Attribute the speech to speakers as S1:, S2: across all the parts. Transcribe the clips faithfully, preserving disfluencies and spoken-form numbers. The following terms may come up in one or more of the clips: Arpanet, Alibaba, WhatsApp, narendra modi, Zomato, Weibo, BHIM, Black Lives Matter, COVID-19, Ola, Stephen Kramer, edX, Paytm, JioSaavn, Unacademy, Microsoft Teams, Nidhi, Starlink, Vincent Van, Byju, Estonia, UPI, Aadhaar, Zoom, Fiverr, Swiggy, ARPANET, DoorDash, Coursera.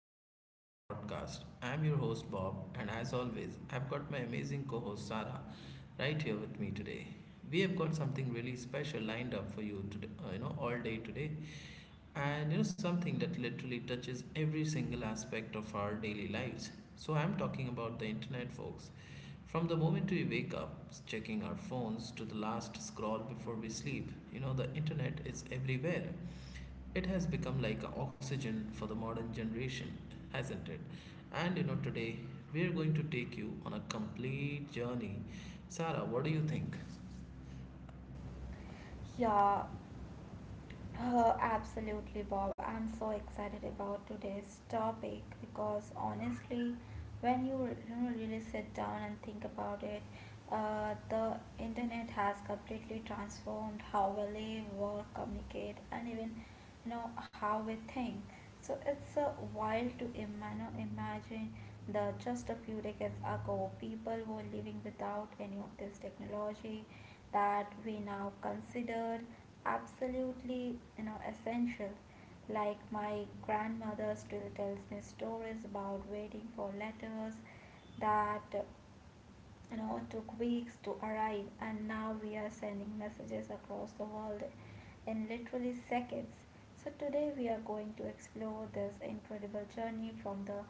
S1: episode of our podcast. I'm your host Bob, and as always, I've got my amazing co host Sarah right here with me today. We have got something really special lined up for you today, uh, you know, all day today, and you know, something that literally touches every single aspect of our daily lives. So, I'm talking about the internet, folks. From the moment we wake up, checking our phones to the last scroll before we sleep, you know, the internet is everywhere. It has become like a oxygen for the modern generation, hasn't it? And you know, today we are going to take you on a complete journey. Sarah, what do you think?
S2: Yeah, uh, Absolutely, Bob. I'm so excited about today's topic because honestly, when you, re- you know, really sit down and think about it. Uh, the internet has completely transformed how we live, work, communicate, and even you know how we think. So it's a wild to ima- you know, imagine that just a few decades ago, people were living without any of this technology that we now consider absolutely you know essential. Like, my grandmother still tells me stories about waiting for letters that you know took weeks to arrive, and now we are sending messages across the world in literally seconds. So today we are going to explore this incredible journey from the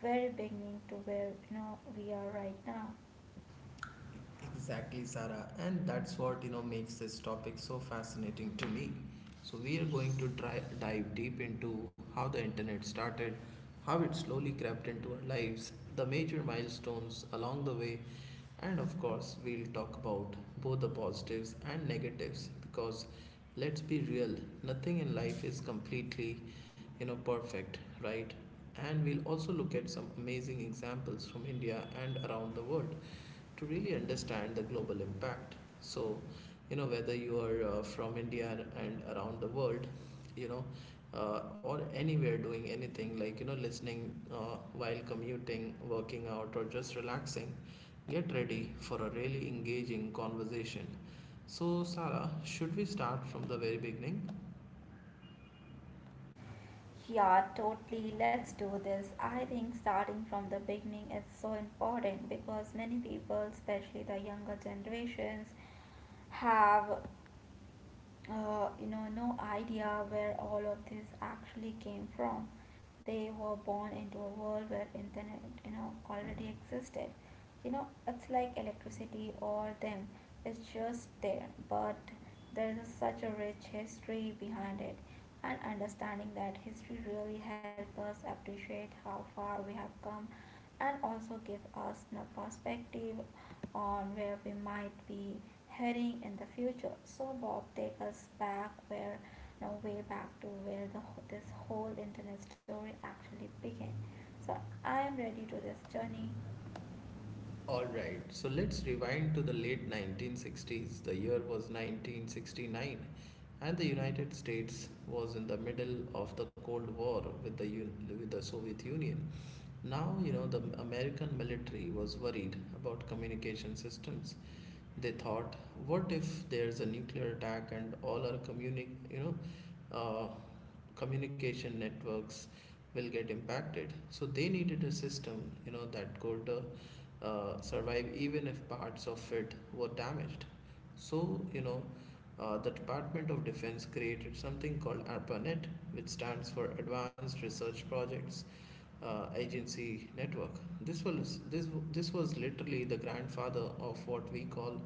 S2: very beginning to where you know we are right now.
S1: Exactly, Sarah, and that's what you know makes this topic so fascinating to me. So we are going to try dive deep into how the internet started, how it slowly crept into our lives, the major milestones along the way, and of course, we'll talk about both the positives and negatives because let's be real, nothing in life is completely, you know, perfect, right? And we'll also look at some amazing examples from India and around the world to really understand the global impact. So, you know, whether you are uh, from India and around the world, you know, uh, or anywhere doing anything like, you know, listening uh, while commuting, working out, or just relaxing, get ready for a really engaging conversation. So, Sarah, should we start from the very beginning?
S2: Yeah, totally. Let's do this. I think starting from the beginning is so important because many people, especially the younger generations, have uh, you know, no idea where all of this actually came from. They were born into a world where internet, you know, already existed. You know, it's like electricity or them. It's just there, but there is such a rich history behind it, and understanding that history really helps us appreciate how far we have come, and also give us a perspective or where we might be heading in the future. So Bob, takes us back where no way back to where the this whole internet story actually began. So I am ready to this journey.
S1: Alright, so let's rewind to the late nineteen sixties. The year was nineteen sixty-nine, and the United States was in the middle of the Cold War with the, Un- with the Soviet Union. Now, you know, the American military was worried about communication systems they thought, what if there's a nuclear attack and all our communi- you know, uh, communication networks will get impacted? So they needed a system, you know, that could uh, uh, survive even if parts of it were damaged. So, you know, uh, the Department of Defense created something called ARPANET, which stands for Advanced Research Projects uh, agency network. This was this this was literally the grandfather of what we call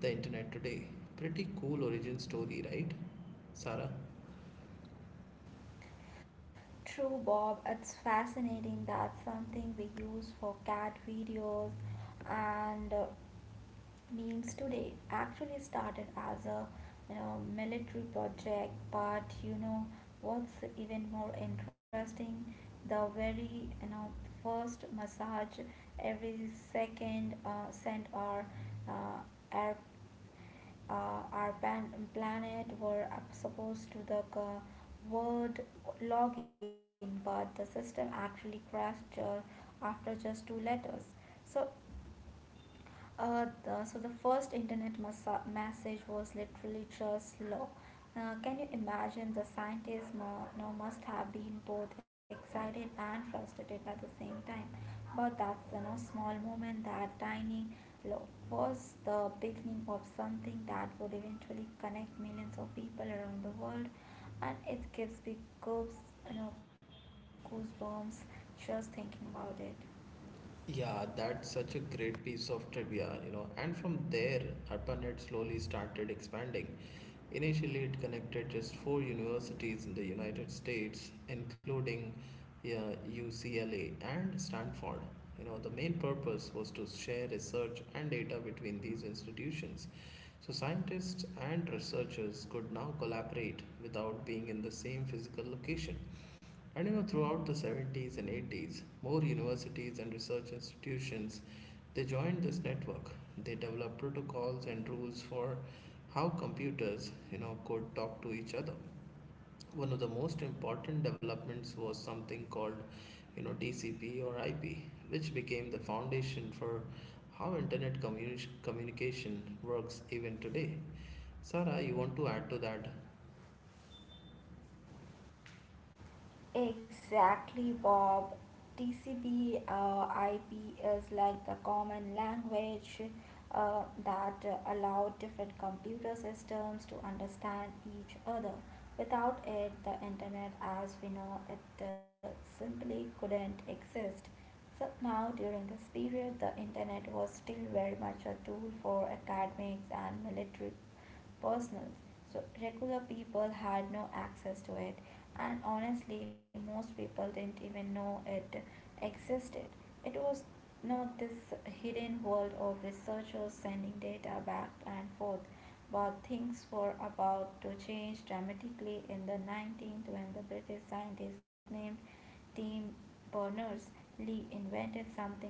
S1: the internet today. Pretty cool origin story, right, Sarah?
S2: True Bob, it's fascinating that something we use for cat videos and uh, memes today actually started as a you know military project. But you know what's even more interesting? The very you know first massage every second uh, cent our uh, air uh, our pan- planet were up- supposed to the uh, word login, but the system actually crashed uh, after just two letters. So uh, the, so the first internet massa- message was literally just law. Uh, can you imagine the scientists mu- you know, must have been both excited and frustrated at the same time. But that's you know small moment, that tiny law was the beginning of something that would eventually connect millions of people around the world, and it gives me goose you know goosebumps just thinking about it.
S1: Yeah, that's such a great piece of trivia, you know. And from there, ARPANET slowly started expanding. Initially, it connected just four universities in the United States, including yeah, U C L A and Stanford. You know, the main purpose was to share research and data between these institutions. So, scientists and researchers could now collaborate without being in the same physical location. And you know, throughout the seventies and eighties, more universities and research institutions they joined this network. They developed protocols and rules for how computers, you know, could talk to each other. One of the most important developments was something called, you know, T C P or I P, which became the foundation for how internet communi- communication works even today. Sarah, you want to add to that?
S2: Exactly, Bob. T C P uh, I P is like the common language uh, that uh, allow different computer systems to understand each other. Without it, the internet as we know it uh, simply couldn't exist. So now during this period, the internet was still very much a tool for academics and military personnel. So regular people had no access to it, and honestly, most people didn't even know it existed. It was not this hidden world of researchers sending data back and forth, but things were about to change dramatically in the nineteenth when the British scientist named Tim Berners-Lee invented something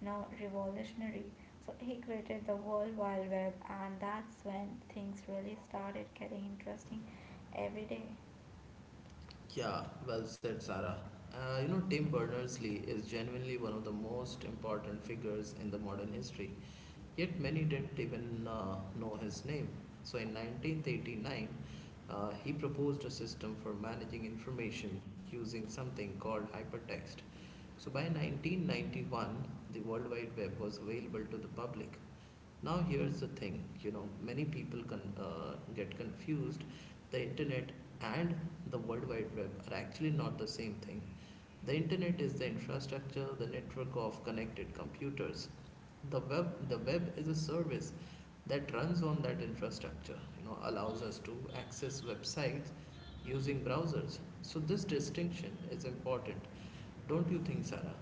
S2: now revolutionary. So he created the World Wide Web, and that's when things really started getting interesting every day.
S1: Yeah, well said, Sarah. Uh, you know, Tim Berners-Lee is genuinely one of the most important figures in the modern history. Yet many didn't even uh, know his name. So in nineteen eighty-nine, uh, he proposed a system for managing information using something called hypertext. So by nineteen ninety-one, the World Wide Web was available to the public. Now, here's the thing you know, many people con- uh, get confused. The internet and the World Wide Web are actually not the same thing. The internet is the infrastructure, the network of connected computers. The web, the web is a service that runs on that infrastructure, you know, allows us to access websites using browsers. So, this distinction is important, don't you think, Sarah?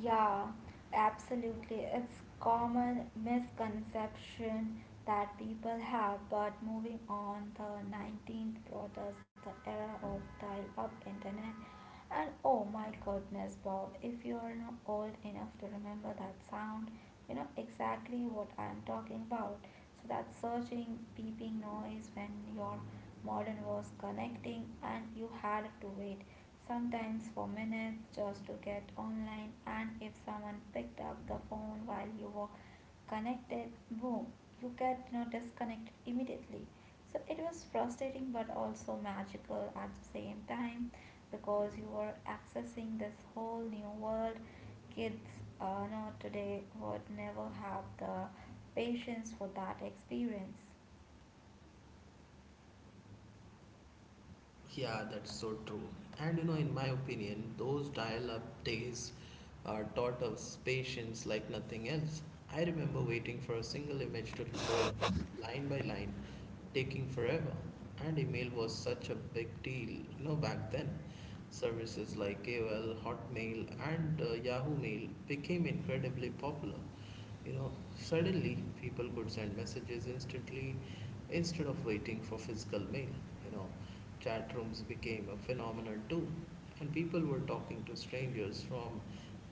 S2: Yeah, absolutely. It's common misconception that people have, but moving on, the nineteenth brought us the era of dial-up internet. And oh my goodness, Bob, if you're not old enough to remember that sound, you know exactly what I'm talking about. So that searching, beeping noise when your modem was connecting and you had to wait sometimes for minutes just to get online, and if someone picked up the phone while you were connected, boom, you get, you know, disconnected immediately. So it was frustrating, but also magical at the same time, because you were accessing this whole new world. Kids uh, no, today would never have the patience for that experience.
S1: Yeah, that's so true. And you know, in my opinion, those dial up days uh, taught us patience like nothing else. I remember waiting for a single image to load line by line, taking forever. And email was such a big deal, you know, back then. Services like A O L, Hotmail, and uh, Yahoo Mail became incredibly popular. You know, suddenly people could send messages instantly, instead of waiting for physical mail. You know, chat rooms became a phenomenon too, and people were talking to strangers from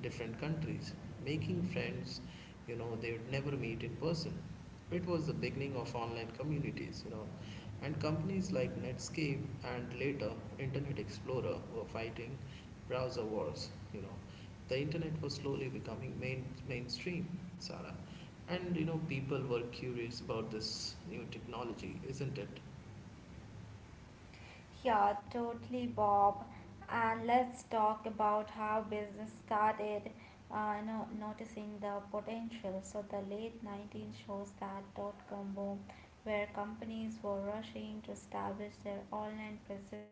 S1: different countries, making friends, you know, they would never meet in person. It was the beginning of online communities, you know, and companies like Netscape and later Internet Explorer were fighting browser wars, you know. The internet was slowly becoming main, mainstream, Sarah. And you know, people were curious about this new technology, isn't it?
S2: Yeah, totally, Bob. And let's talk about how business started uh, no, noticing the potential. So, the late nineteenth shows that dot com boom, where companies were rushing to establish their online presence.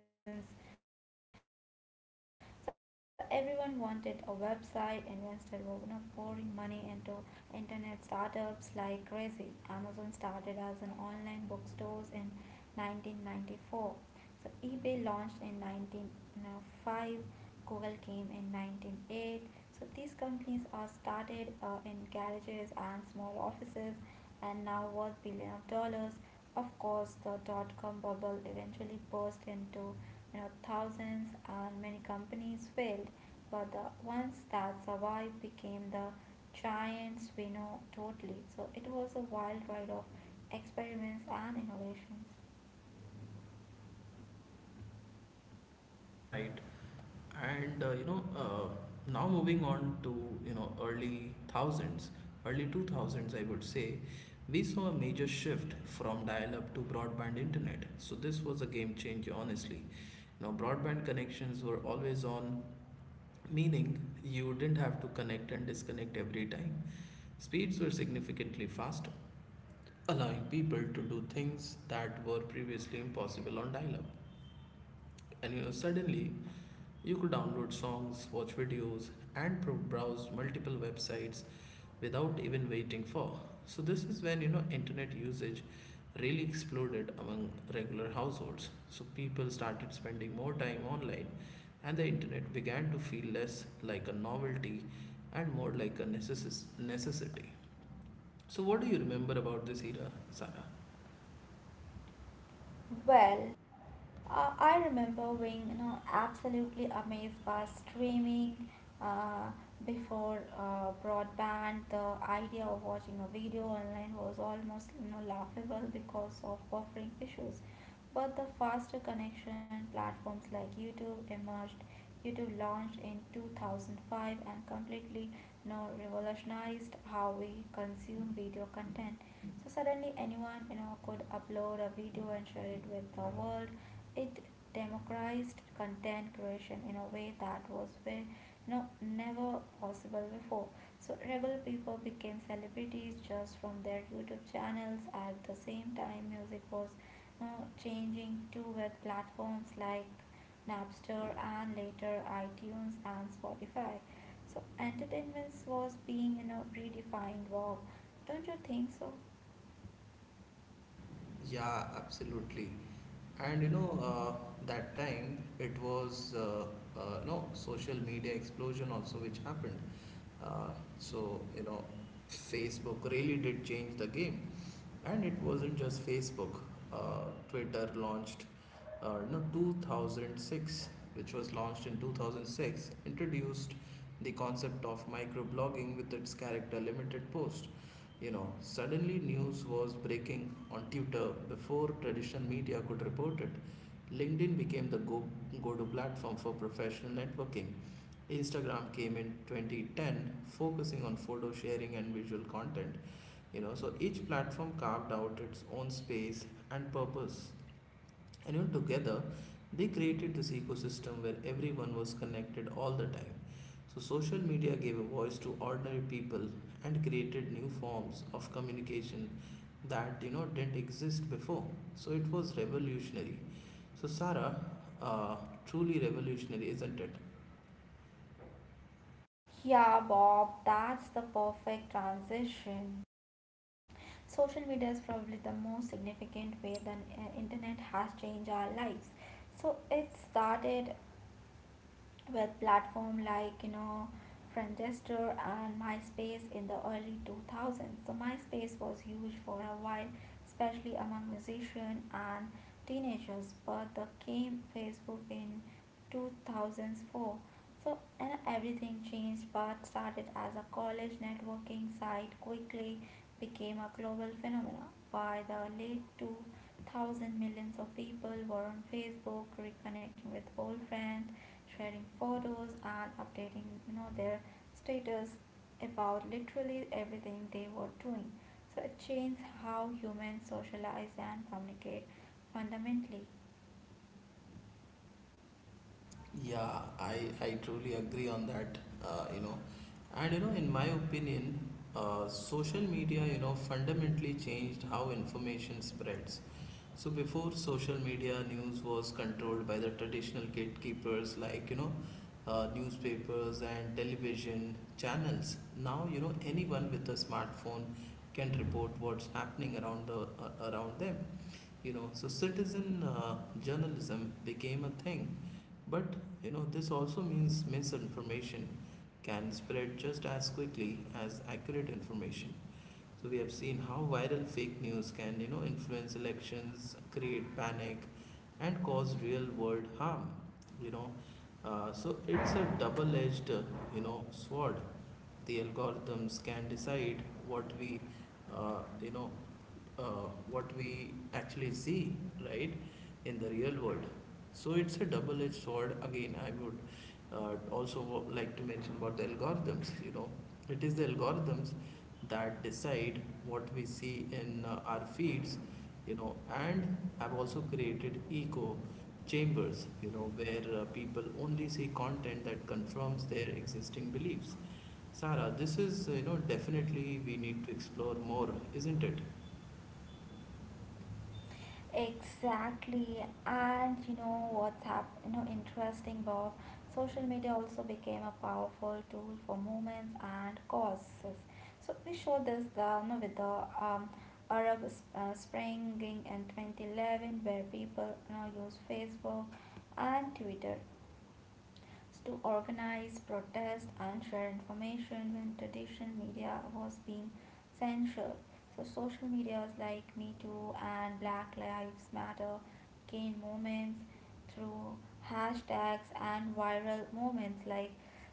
S2: So, everyone wanted a website, invested were you know, pouring money into internet startups like crazy. Amazon started as an online bookstores in nineteen ninety-four, so eBay launched in nineteen oh five, Google came in nineteen oh eight. So these companies are started uh, in garages and small offices, and now worth billion of dollars. Of course, the dot-com bubble eventually burst into you know thousands, and many companies failed, but the ones that survived became the giants we know totally. So it was a wild ride of experiments and innovations.
S1: Right. And uh, you know, uh, now moving on to you know early thousands, early two thousands, I would say, we saw a major shift from dial-up to broadband internet. So this was a game changer, honestly. You know, broadband connections were always on, meaning you didn't have to connect and disconnect every time. Speeds were significantly faster allowing people to do things that were previously impossible on dial-up. And you know, suddenly you could download songs, watch videos, and pro- browse multiple websites without even waiting for. So this is when you know internet usage really exploded among regular households. So people started spending more time online, and the internet began to feel less like a novelty and more like a necess- necessity. So what do you remember about this era, Sarah?
S2: Well, uh, I remember being, you know, absolutely amazed by streaming uh, before uh, broadband. The idea of watching a video online was almost, you know, laughable because of buffering issues. But the faster connection platforms like YouTube emerged. YouTube launched in two thousand five and completely, you know, revolutionized how we consume video content. So suddenly anyone you know could upload a video and share it with the world. It democratized content creation in a way that was very you know never possible before. So regular people became celebrities just from their YouTube channels. At the same time, music was, you know, changing too with platforms like Napster, and later iTunes and Spotify. So entertainment was being you know redefined. Wow, don't you think so?
S1: Yeah, absolutely. And you know, uh, that time it was uh, uh, you know social media explosion also which happened. Uh, so you know, Facebook really did change the game and it wasn't just facebook uh, twitter launched uh, no two thousand six which was launched in two thousand six, introduced the concept of microblogging with its character limited post. You know suddenly news was breaking on Twitter before traditional media could report it. LinkedIn became the go go-to platform for professional networking. Instagram came in twenty ten, focusing on photo sharing and visual content. You know so each platform carved out its own space and purpose, and you know, together they created this ecosystem where everyone was connected all the time. So social media gave a voice to ordinary people and created new forms of communication that you know didn't exist before. So it was revolutionary. So Sarah, uh, truly revolutionary, isn't it?
S2: Yeah, Bob, that's the perfect transition. Social media is probably the most significant way the uh, internet has changed our lives. So it started with platform like you know Friendster and MySpace in the early two thousands. So MySpace was huge for a while, especially among musicians and teenagers. But the came Facebook in two thousand four. So and everything changed. But started as a college networking site, quickly became a global phenomenon by the late two thousand, millions of people were on Facebook reconnecting with old friends, sharing photos, and updating you know their status about literally everything they were doing. So it changed how humans socialize and communicate fundamentally.
S1: Yeah, I, I truly agree on that, uh, you know. And, you know, in my opinion, uh, social media, you know, fundamentally changed how information spreads. So before social media, news was controlled by the traditional gatekeepers like, you know, uh, newspapers and television channels. Now, you know, anyone with a smartphone can report what's happening around the uh, around them. You know, so citizen uh, journalism became a thing but you know, this also means misinformation can spread just as quickly as accurate information. So we have seen how viral fake news can, you know, influence elections, create panic, and cause real world harm. You know, uh, so it's a double edged, you know, sword the algorithms can decide what we uh, you know uh, what we actually see right in the real world so it's a double-edged sword again. I would uh, also like to mention about the algorithms. You know it is the algorithms that decide what we see in uh, our feeds, you know and I've also created echo chambers you know where uh, people only see content that confirms their existing beliefs. Sarah, this is you know definitely we need to explore more, isn't it?
S2: Exactly, and you know what's hap you know interesting, Bob. Social media also became a powerful tool for movements and causes. So we saw this the you know, with the um, Arab s- uh, Spring in twenty eleven, where people you know use Facebook and Twitter to organize protest and share information when traditional media was being censored. So social medias like Me Too and Black Lives Matter gained moments through hashtags and viral moments like,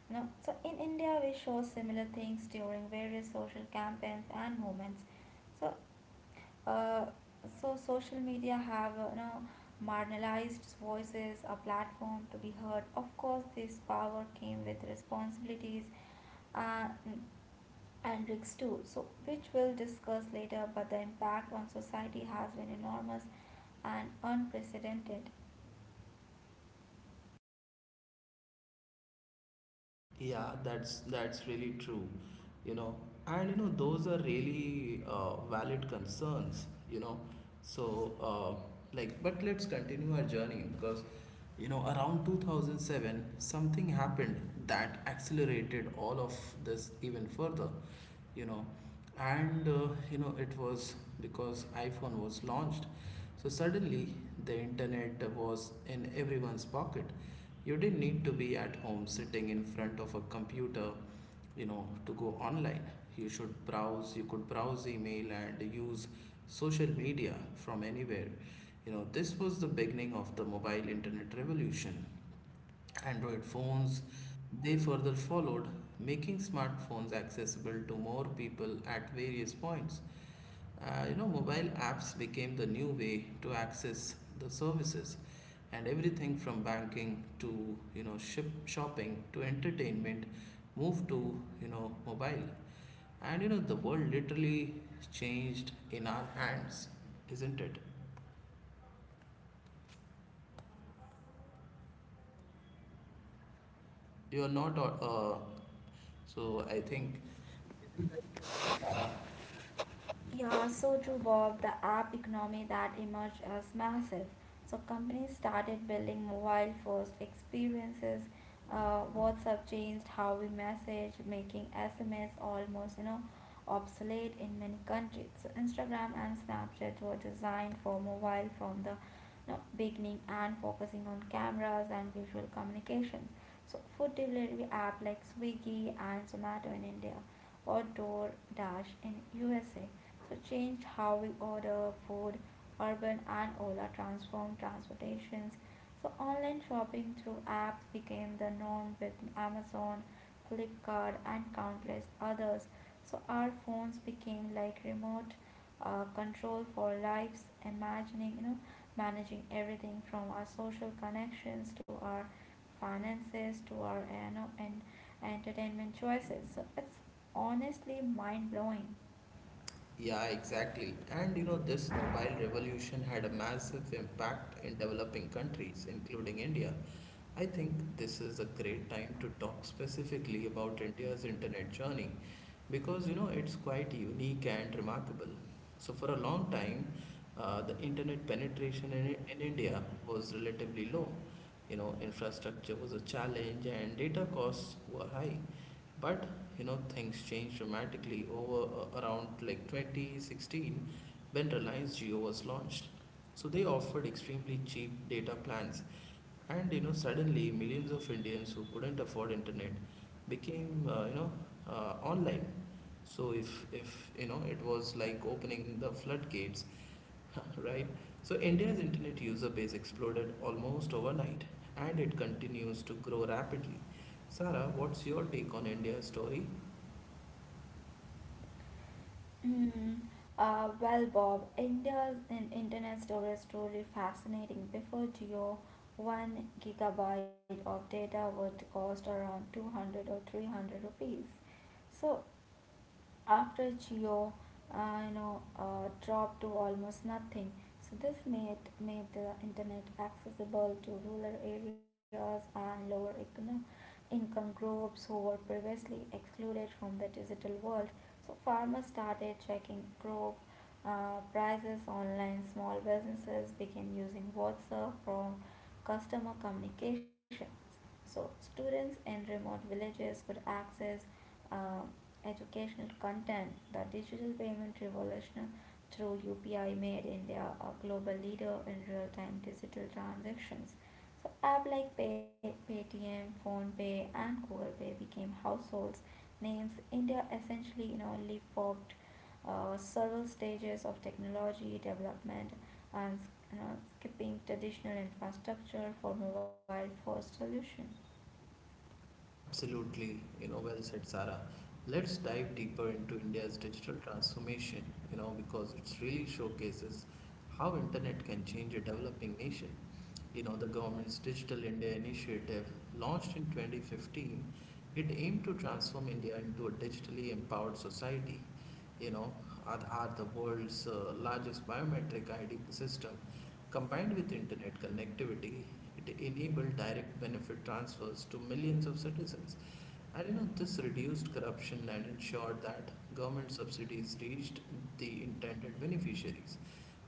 S2: you know, so in India we show similar things during various social campaigns and movements. So uh, so social media have, uh, you know marginalized voices a platform to be heard. Of course, this power came with responsibilities uh, and risks too, so which we'll discuss later, but the impact on society has been enormous and unprecedented.
S1: Yeah, that's that's really true. You know, and you know those are really uh, valid concerns. You know, so uh, like, but let's continue our journey because you know around two thousand seven something happened that accelerated all of this even further. You know and uh, you know it was because iPhone was launched. So suddenly the internet was in everyone's pocket. You didn't need to be at home sitting in front of a computer, you know to go online. You should browse you could browse email and use social media from anywhere. You know this was the beginning of the mobile internet revolution. Android phones. They further followed, making smartphones accessible to more people at various points. Uh, you know, mobile apps became the new way to access the services, and everything from banking to you know ship shopping to entertainment moved to you know mobile. And you know the world literally changed in our hands, isn't it? You're not uh, so I think
S2: Yeah, so true, Bob. The app economy that emerged as massive. So companies started building mobile first experiences. Uh, WhatsApp changed how we message, making S M S almost you know obsolete in many countries. So Instagram and Snapchat were designed for mobile from the you know, beginning and focusing on cameras and visual communications. So food delivery app like Swiggy and Zomato in India, or DoorDash in U S A. So changed how we order food, urban and Ola transformed transportations. So online shopping through apps became the norm with Amazon, Flipkart, and countless others. So our phones became like remote uh, control for lives, imagining, you know, managing everything from our social connections to our finances to our you know, and entertainment choices. So it's honestly mind blowing.
S1: Yeah, exactly. And you know, this mobile revolution had a massive impact in developing countries, including India. I think this is a great time to talk specifically about India's internet journey because you know it's quite unique and remarkable. So, for a long time, uh, the internet penetration in, in India was relatively low. You know, infrastructure was a challenge and data costs were high. But you know, things changed dramatically over uh, around like twenty sixteen when Reliance Jio was launched. So they offered extremely cheap data plans, and you know, suddenly millions of Indians who couldn't afford internet became uh, you know uh, online. So if if you know it was like opening the floodgates, right? So India's internet user base exploded almost overnight, and it continues to grow rapidly. Sarah, what's your take on India's story?
S2: Hmm. Uh, well, Bob, India's in internet storage is truly fascinating. Before Geo, one gigabyte of data would cost around two hundred or three hundred rupees. So after Geo, uh, you know, uh, dropped to almost nothing. So this made made the internet accessible to rural areas and lower econo- income groups who were previously excluded from the digital world. So farmers started checking crop uh, prices online. Small businesses began using WhatsApp from customer communications. So students in remote villages could access uh, educational content. The digital payment revolution through U P I made India a global leader in real-time digital transactions. So app like Pay, Paytm, PhonePe, and Google Pay became households names. India essentially, you know, leapfrogged uh, several stages of technology development, and uh, skipping traditional infrastructure for mobile first solution.
S1: Absolutely, you know, well said, Sarah. Let's dive deeper into India's digital transformation, you know, because it really showcases how internet can change a developing nation. You know, the government's Digital India initiative, launched in twenty fifteen, it aimed to transform India into a digitally empowered society. You know, Aadhaar, the world's uh, largest biometric I D system, combined with internet connectivity, it enabled direct benefit transfers to millions of citizens. And you know, this reduced corruption and ensured that government subsidies reached the intended beneficiaries.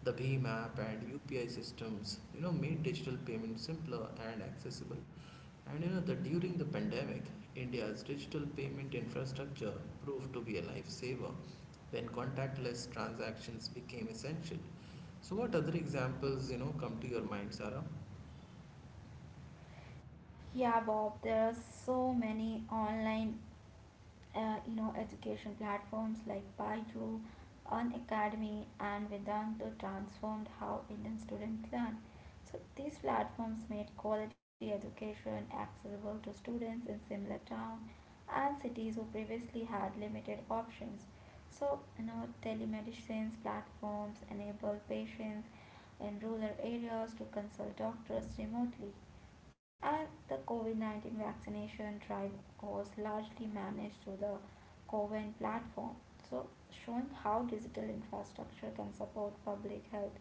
S1: The Bhim app and U P I systems, you know, made digital payments simpler and accessible. And you know that during the pandemic, India's digital payment infrastructure proved to be a lifesaver when contactless transactions became essential. So, what other examples, you know, come to your mind, Sarah?
S2: Yeah, Bob, there are so many online, uh, you know, education platforms like Byju, Unacademy, and Vedanta transformed how Indian students learn. So these platforms made quality education accessible to students in similar towns and cities who previously had limited options. So now telemedicine platforms enable patients in rural areas to consult doctors remotely. And the COVID nineteen vaccination drive was largely managed through the Coven platform. So, showing how digital infrastructure can support public health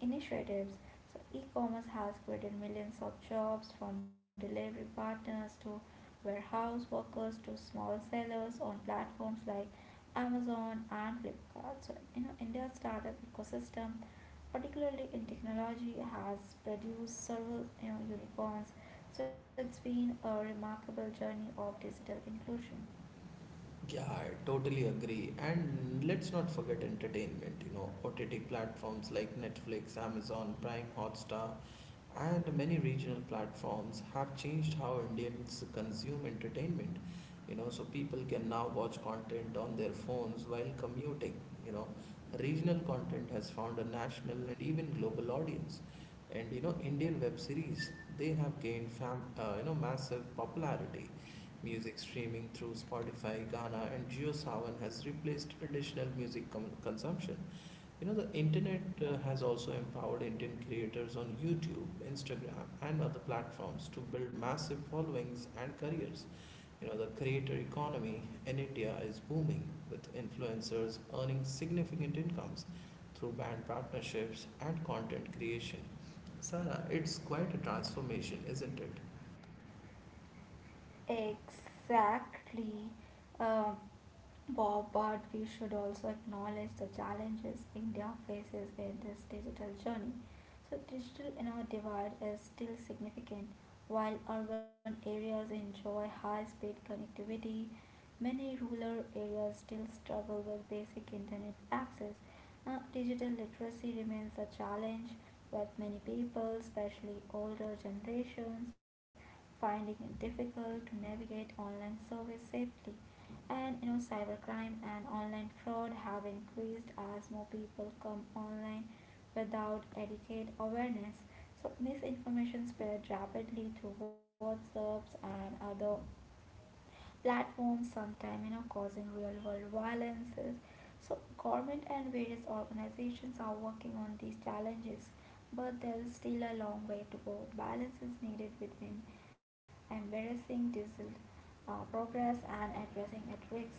S2: initiatives. So, e commerce has created millions of jobs from delivery partners to warehouse workers to small sellers on platforms like Amazon and Flipkart. So, you know, India's startup ecosystem, particularly in technology, has produced several you know, unicorns. So, it's been a remarkable journey of digital inclusion.
S1: Yeah, I totally agree. And let's not forget entertainment. You know, O T T platforms like Netflix, Amazon Prime, Hotstar, and many regional platforms have changed how Indians consume entertainment. You know, so people can now watch content on their phones while commuting. You know, regional content has found a national and even global audience, and you know, Indian web series, they have gained fam, uh, you know, massive popularity. Music streaming through Spotify, Ghana, and JioSaavn has replaced traditional music com- consumption. You know, the internet uh, has also empowered Indian creators on YouTube, Instagram, and other platforms to build massive followings and careers. You know, the creator economy in India is booming, with influencers earning significant incomes through brand partnerships and content creation. Sarah, it's quite a transformation, isn't it?
S2: Exactly. Um, Bob, but we should also acknowledge the challenges India faces in this digital journey. So, digital inner divide is still significant. While urban areas enjoy high speed connectivity, many rural areas still struggle with basic internet access. Now, digital literacy remains a challenge with many people, especially older generations, finding it difficult to navigate online service safely, and you know cybercrime and online fraud have increased as more people come online without adequate awareness. So misinformation spreads rapidly through whatsapps and other platforms, sometimes you know causing real world violences. So government and various organizations are working on these challenges, but there is still a long way to go. Balance is needed between embracing digital uh, progress and addressing at risks.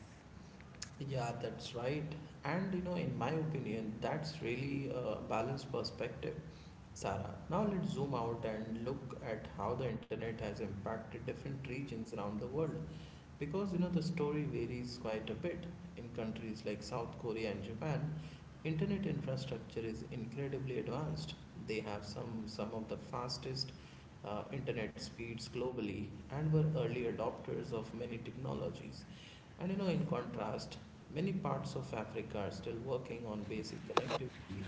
S1: Yeah, that's right. And you know, in my opinion, that's really a balanced perspective. Sarah, now let's zoom out and look at how the internet has impacted different regions around the world, because you know the story varies quite a bit. In countries like South Korea and Japan, internet infrastructure is incredibly advanced. They have some some of the fastest uh, internet speeds globally, and were early adopters of many technologies. And you know, in contrast, many parts of Africa are still working on basic connectivity,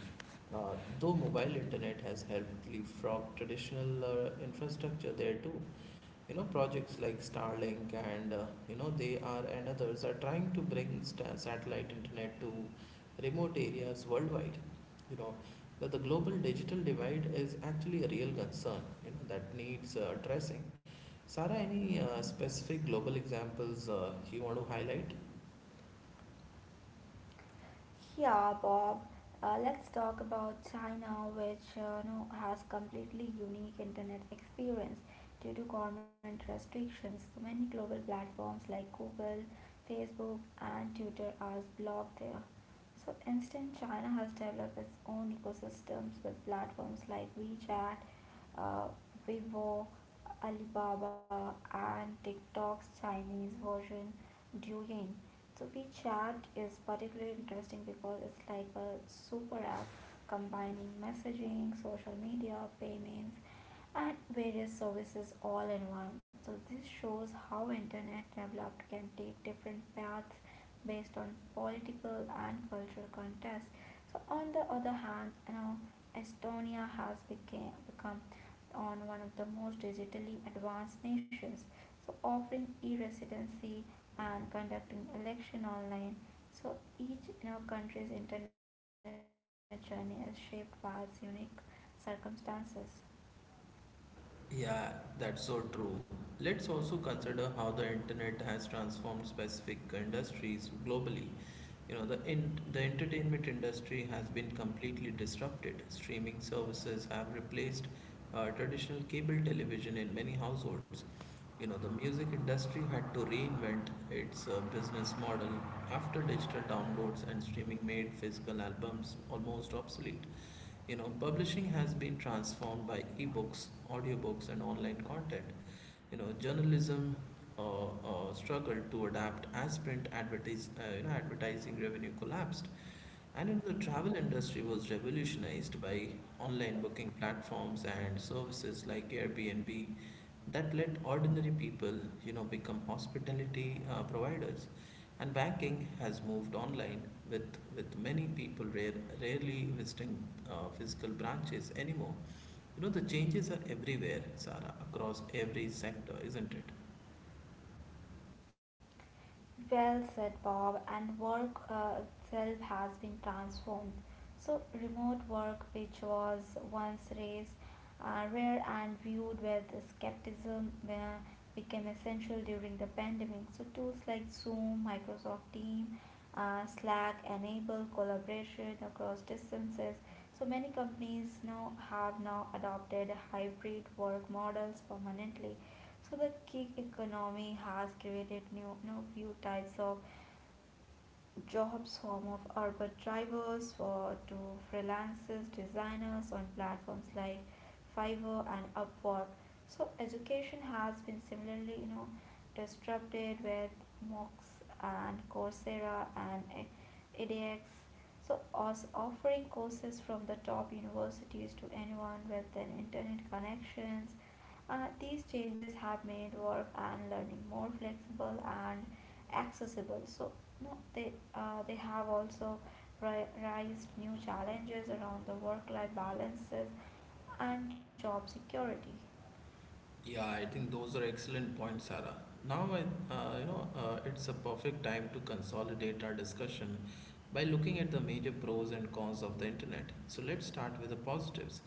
S1: uh, though mobile internet has helped leapfrog traditional uh, infrastructure there too. You know, projects like Starlink and, uh, you know they are, and others are trying to bring sta satellite internet to remote areas worldwide. You know, that the global digital divide is actually a real concern, you know, that needs uh, addressing. Sarah, any uh, specific global examples uh, you want to highlight?
S2: Yeah, Bob. Uh, let's talk about China, which uh, no, has completely unique internet experience due to government restrictions. Many global platforms like Google, Facebook, and Twitter are blocked there. So instead, China has developed its own ecosystems with platforms like WeChat, uh, Weibo, Alibaba, and TikTok's Chinese version, Douyin. So WeChat is particularly interesting because it's like a super app combining messaging, social media, payments, and various services all in one. So this shows how internet developed can take different paths based on political and cultural context. So on the other hand, you know, Estonia has became, become on one of the most digitally advanced nations. So offering e-residency and conducting election online. So each you know, country's internet journey is shaped by its unique circumstances.
S1: Yeah, that's so true. Let's also consider how the internet has transformed specific industries globally. You know, the in, the entertainment industry has been completely disrupted. Streaming services have replaced uh, traditional cable television in many households. You know, the music industry had to reinvent its uh, business model after digital downloads and streaming made physical albums almost obsolete. You know, publishing has been transformed by ebooks, audiobooks, and online content. You know, journalism uh, uh, struggled to adapt as print advertise, uh, you know, advertising revenue collapsed. And you know, the travel industry was revolutionized by online booking platforms and services like Airbnb, that let ordinary people, you know, become hospitality uh, providers. And banking has moved online, with with many people rare, rarely visiting uh, physical branches anymore. You know, the changes are everywhere, Sarah, across every sector, isn't it?
S2: Well said, Bob. And work uh, itself has been transformed. So remote work, which was once raised uh, rare and viewed with skepticism, uh, became essential during the pandemic. So tools like Zoom, Microsoft Teams, uh, Slack enable collaboration across distances. So many companies now have now adopted hybrid work models permanently. So the gig economy has created new, new few types of jobs form of Uber drivers for to freelancers, designers on platforms like Fiverr and Upwork. So education has been similarly, you know, disrupted with M O Cs and Coursera and e- edX. So os- offering courses from the top universities to anyone with an internet connections. Uh, these changes have made work and learning more flexible and accessible. So, no, they uh, they have also raised new challenges around the work-life balances and job security.
S1: Yeah, I think those are excellent points, Sarah. Now, I, uh, you know, uh, it's a perfect time to consolidate our discussion by looking at the major pros and cons of the internet. So let's start with the positives.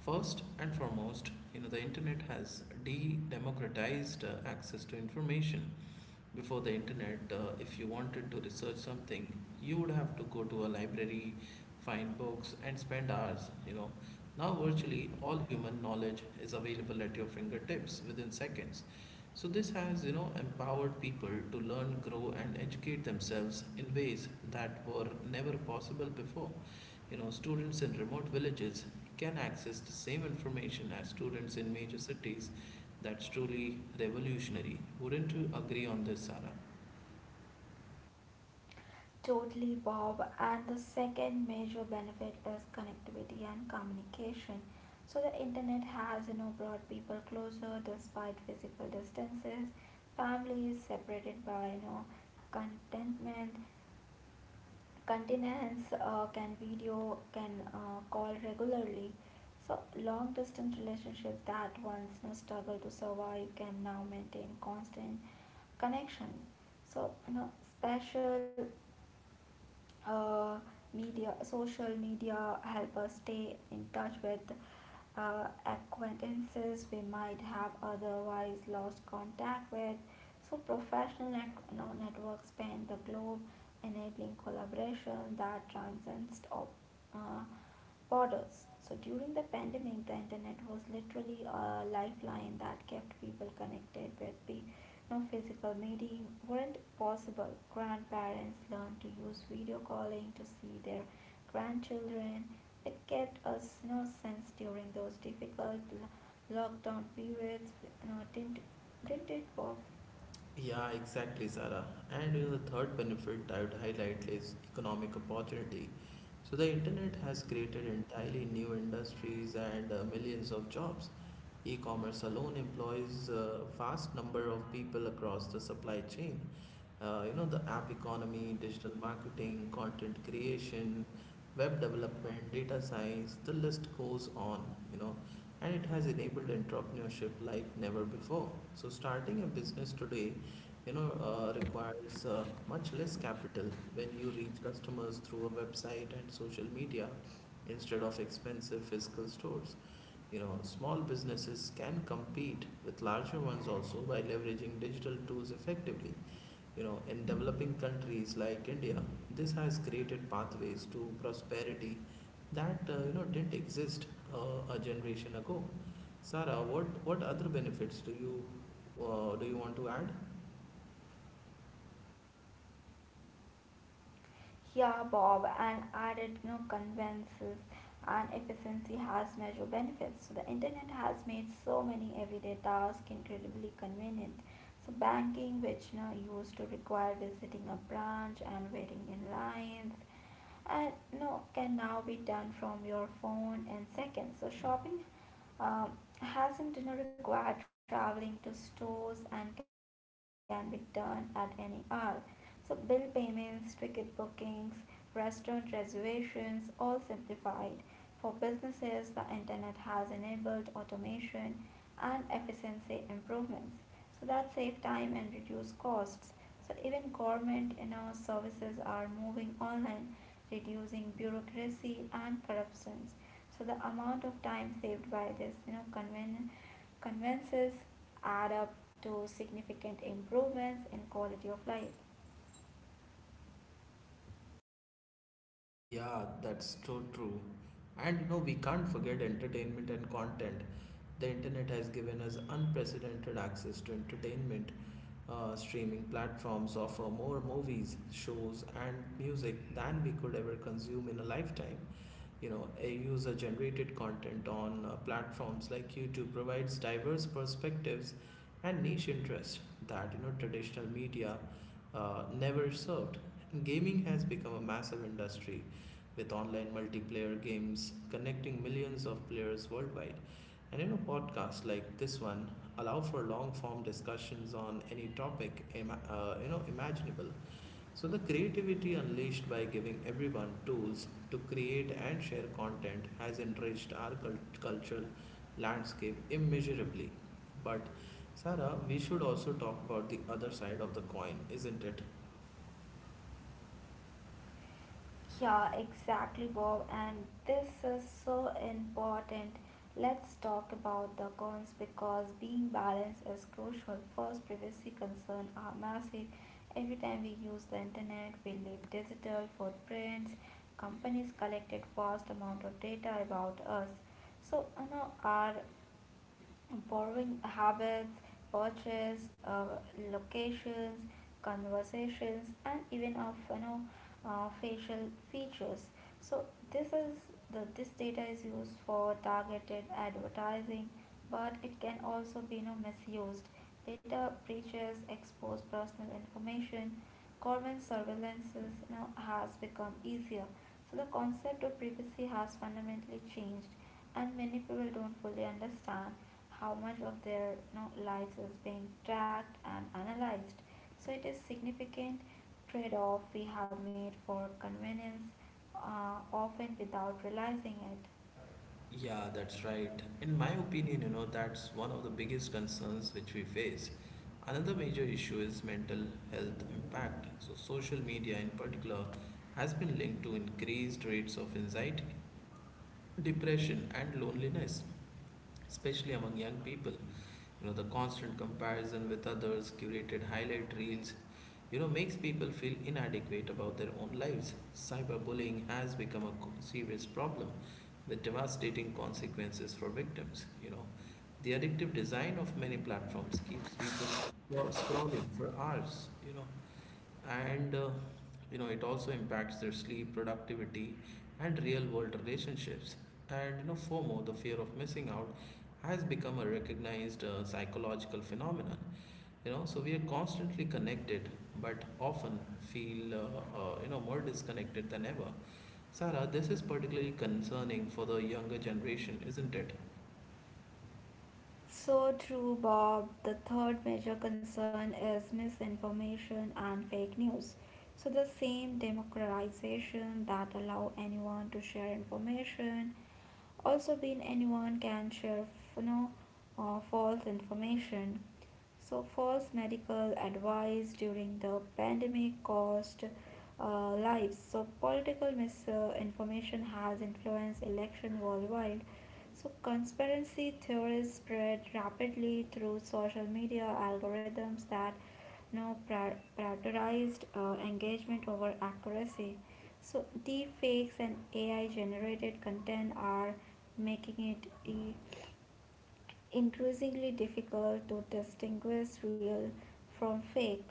S1: First and foremost, you know, the internet has de-democratized uh, access to information. Before the internet, uh, if you wanted to research something, you would have to go to a library, find books, and spend hours, you know. Now, virtually all human knowledge is available at your fingertips within seconds. So, this has, you know, empowered people to learn, grow, and educate themselves in ways that were never possible before. You know, students in remote villages can access the same information as students in major cities. That's truly revolutionary. Wouldn't you agree on this, Sarah?
S2: Totally, Bob. And the second major benefit is connectivity and communication. So the internet has you know brought people closer despite physical distances. Families separated by you know contentment continents uh, can video can uh, call regularly. So long distance relationships that once you know, struggle to survive can now maintain constant connection. So you know special uh, media, social media help us stay in touch with uh, acquaintances we might have otherwise lost contact with. So professional net- no, networks span the globe, enabling collaboration that transcends op- uh, borders. So during the pandemic the internet was literally a lifeline that kept people connected with pe- no physical meeting weren't possible. Grandparents learned to use video calling to see their grandchildren. It kept us no sense during those difficult lockdown periods. You know, didn't didn't it, Bob?
S1: Yeah, exactly, Sarah. And you know, the third benefit I would highlight is economic opportunity. So the internet has created entirely new industries and uh, millions of jobs. E-commerce alone employs a vast number of people across the supply chain. Uh, you know, the app economy, digital marketing, content creation, web development, data science, the list goes on. You know, and it has enabled entrepreneurship like never before. So starting a business today, you know, uh, requires uh, much less capital when you reach customers through a website and social media instead of expensive physical stores. You know, small businesses can compete with larger ones also by leveraging digital tools effectively. You know, in developing countries like India, this has created pathways to prosperity that, uh, you know, didn't exist uh, a generation ago. Sarah, what what other benefits do you, uh, do you want to add?
S2: Yeah, Bob, and added no conveniences and efficiency has measurable benefits. So the internet has made so many everyday tasks incredibly convenient. So banking, which you know used to require visiting a branch and waiting in lines, and no can now be done from your phone in seconds. So shopping um, hasn't dinner require traveling to stores and can be done at any hour. So bill payments, ticket bookings, restaurant reservations, all simplified. For businesses, the internet has enabled automation and efficiency improvements. So that save time and reduce costs. So even government and our services are moving online, reducing bureaucracy and corruptions. So the amount of time saved by this you know conven- conveniences add up to significant improvements in quality of life.
S1: Yeah, that's so true. And you know, we can't forget entertainment and content. The internet has given us unprecedented access to entertainment. Uh, streaming platforms offer more movies, shows, and music than we could ever consume in a lifetime. You know, a user generated content on uh, platforms like YouTube provides diverse perspectives and niche interests that, you know, traditional media uh, never served. Gaming has become a massive industry, with online multiplayer games connecting millions of players worldwide. And you know, podcasts like this one allow for long form discussions on any topic ima- uh, you know imaginable. So, the creativity unleashed by giving everyone tools to create and share content has enriched our cul- cultural landscape immeasurably. But, Sarah, we should also talk about the other side of the coin, isn't it?
S2: Yeah, exactly, Bob. And this is so important. Let's talk about the cons because being balanced is crucial. First, privacy concerns are massive. Every time we use the internet we leave digital footprints. Companies collected vast amount of data about us. So you know, our borrowing habits, purchase, uh, locations, conversations, and even of you know uh, facial features. So this is the this data is used for targeted advertising, but it can also be you know, misused. Data breaches expose personal information. Government surveillances, you know, has become easier. So the concept of privacy has fundamentally changed, and many people don't fully understand how much of their you know, lives is being tracked and analyzed. So it is significant trade-off we have made for convenience, uh, often without realizing it.
S1: Yeah, that's right. In my opinion, you know, that's one of the biggest concerns which we face. Another major issue is mental health impact. So, social media in particular has been linked to increased rates of anxiety, depression, and loneliness, especially among young people. You know, the constant comparison with others, curated highlight reels, you know, makes people feel inadequate about their own lives. Cyberbullying has become a co- serious problem with devastating consequences for victims. You know, the addictive design of many platforms keeps people scro- scrolling for hours. You know, and uh, you know it also impacts their sleep, productivity, and real world relationships. And you know, FOMO, the fear of missing out, has become a recognized uh, psychological phenomenon. You know, so we are constantly connected, but often feel, uh, uh, you know more disconnected than ever. Sarah, this is particularly concerning for the younger generation, isn't it?
S2: So true, Bob. The third major concern is misinformation and fake news. So the same democratization that allow anyone to share information also been anyone can share you know uh, false information. So false medical advice during the pandemic caused uh, lives. So political misinformation has influenced election worldwide. So conspiracy theories spread rapidly through social media algorithms that you know, pri- prioritized uh, engagement over accuracy. So deepfakes and A I generated content are making it e- increasingly difficult to distinguish real from fake.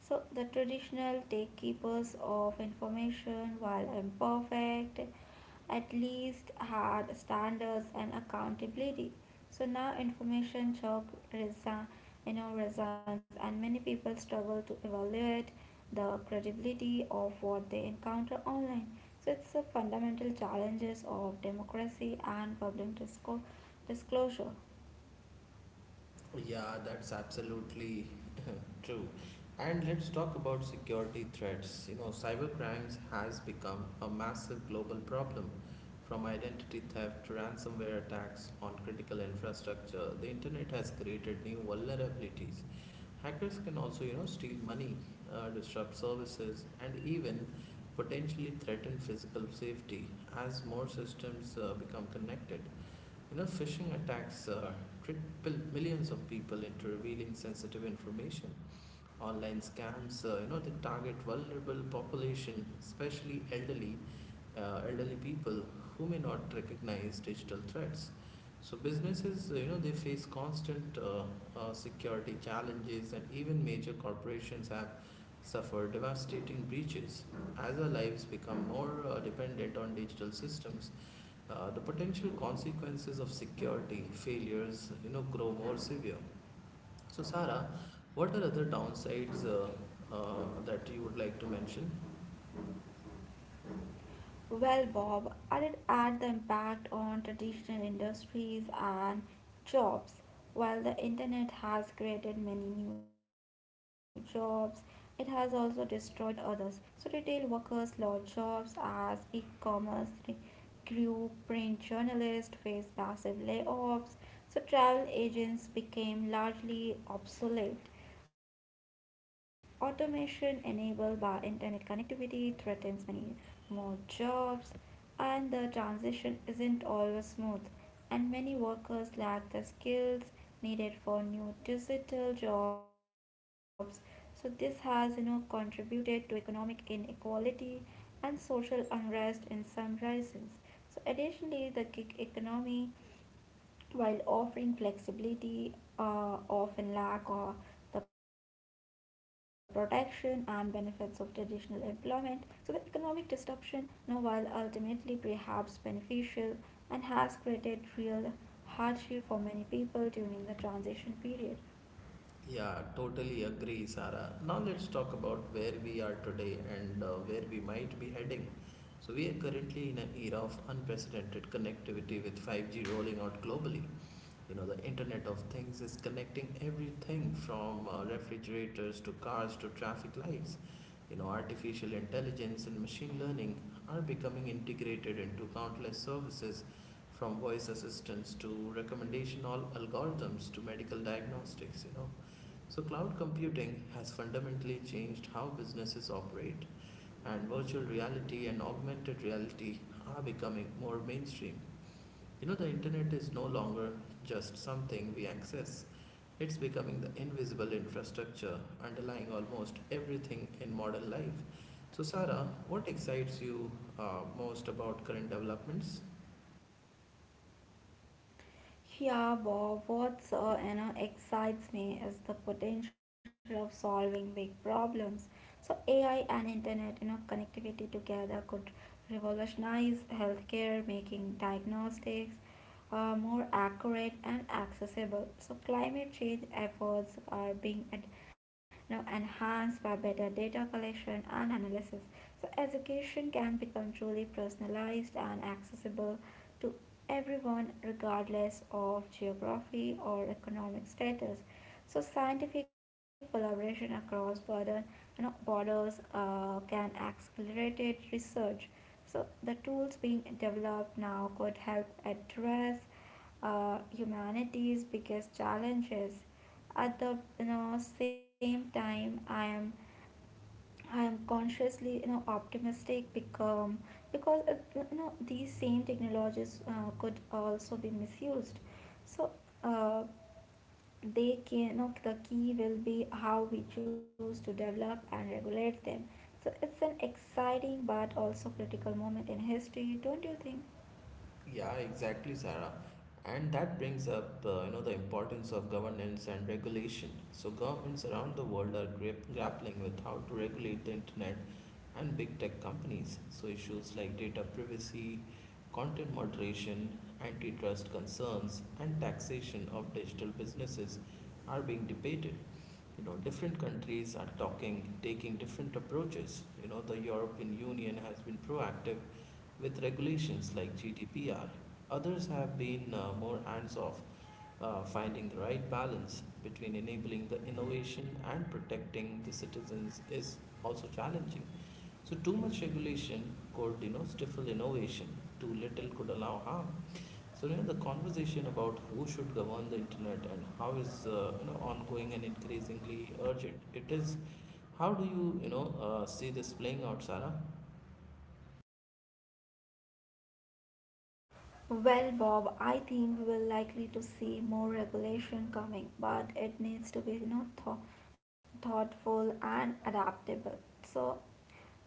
S2: So the traditional gatekeepers of information, while imperfect, at least had standards and accountability. So now information shock resi- you know, resigns, and many people struggle to evaluate the credibility of what they encounter online. So it's the fundamental challenges of democracy and public disco- disclosure.
S1: Yeah, that's absolutely true. And let's talk about security threats. You know, cybercrimes has become a massive global problem. From identity theft to ransomware attacks on critical infrastructure, the internet has created new vulnerabilities. Hackers can also, you know, steal money, uh, disrupt services, and even potentially threaten physical safety as more systems uh, become connected. You know, phishing attacks uh, trick pil- millions of people into revealing sensitive information. Online scams, uh, you know, they target vulnerable population, especially elderly, uh, elderly people who may not recognize digital threats. So businesses, uh, you know, they face constant uh, uh, security challenges, and even major corporations have suffered devastating breaches. As our lives become more uh, dependent on digital systems, uh, the potential consequences of security failures, you know, grow more severe. So, Sarah, what are other downsides uh, uh, that you would like to mention?
S2: Well, Bob, I did add the impact on traditional industries and jobs. While the internet has created many new jobs, it has also destroyed others. So retail workers lost jobs as e commerce re- grew, print journalists faced massive layoffs, so travel agents became largely obsolete. Automation enabled by internet connectivity threatens many more jobs, and the transition isn't always smooth. And many workers lack the skills needed for new digital jobs. So this has you know contributed to economic inequality and social unrest in some regions. So additionally, the gig economy while offering flexibility, uh, often lack of the protection and benefits of traditional employment. So the economic disruption, you know, while ultimately perhaps beneficial and has created real hardship for many people during the transition period.
S1: Yeah, totally agree, Sarah. Now, let's talk about where we are today, and uh, where we might be heading. So, we are currently in an era of unprecedented connectivity, with five G rolling out globally. You know, the internet of things is connecting everything from uh, refrigerators to cars to traffic lights. You know, artificial intelligence and machine learning are becoming integrated into countless services, from voice assistants to recommendation all algorithms to medical diagnostics, you know. So cloud computing has fundamentally changed how businesses operate, and virtual reality and augmented reality are becoming more mainstream. You know, the internet is no longer just something we access, it's becoming the invisible infrastructure underlying almost everything in modern life. So, Sarah, what excites you uh, most about current developments?
S2: Yeah, Bob, what's uh, you know excites me is the potential of solving big problems. So A I and internet, you know, connectivity together could revolutionize healthcare, making diagnostics uh, more accurate and accessible. So climate change efforts are being ad- you know, enhanced by better data collection and analysis. So education can become truly personalized and accessible to everyone, regardless of geography or economic status. So scientific collaboration across border, you know, borders uh, can accelerate research. So the tools being developed now could help address uh, humanity's biggest challenges. At the you know, same time, I am I am consciously, you know, optimistic because because uh, you know these same technologies uh, could also be misused. So uh, they can, you know, the key will be how we choose to develop and regulate them. So it's an exciting but also critical moment in history, don't you think?
S1: Yeah, exactly, Sarah. And that brings up, uh, you know, the importance of governance and regulation. So governments around the world are grip grappling with how to regulate the internet and big tech companies. So issues like data privacy, content moderation, antitrust concerns, and taxation of digital businesses are being debated. You know different countries are talking taking different approaches. You know the European Union has been proactive with regulations like GDPR. Others have been uh, more hands off. Uh, finding the right balance between enabling the innovation and protecting the citizens is also challenging. So too much regulation could, you know, stifle innovation; too little could allow harm. So, you know, the conversation about who should govern the internet and how is, uh, you know, ongoing and increasingly urgent. It is. How do you, you know, uh, see this playing out, Sarah?
S2: Well, Bob, I think we're likely to see more regulation coming, but it needs to be you know, thou- thoughtful and adaptable. So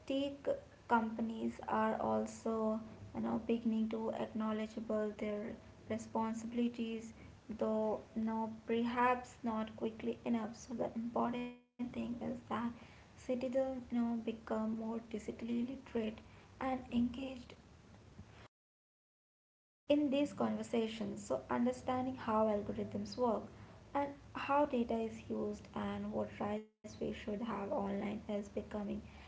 S2: tech companies are also you know, beginning to acknowledgeable their responsibilities, though no, perhaps not quickly enough. So the important thing is that citizens you know, become more digitally literate and engaged in these conversations. So understanding how algorithms work, and how data is used, and what rights we should have online is becoming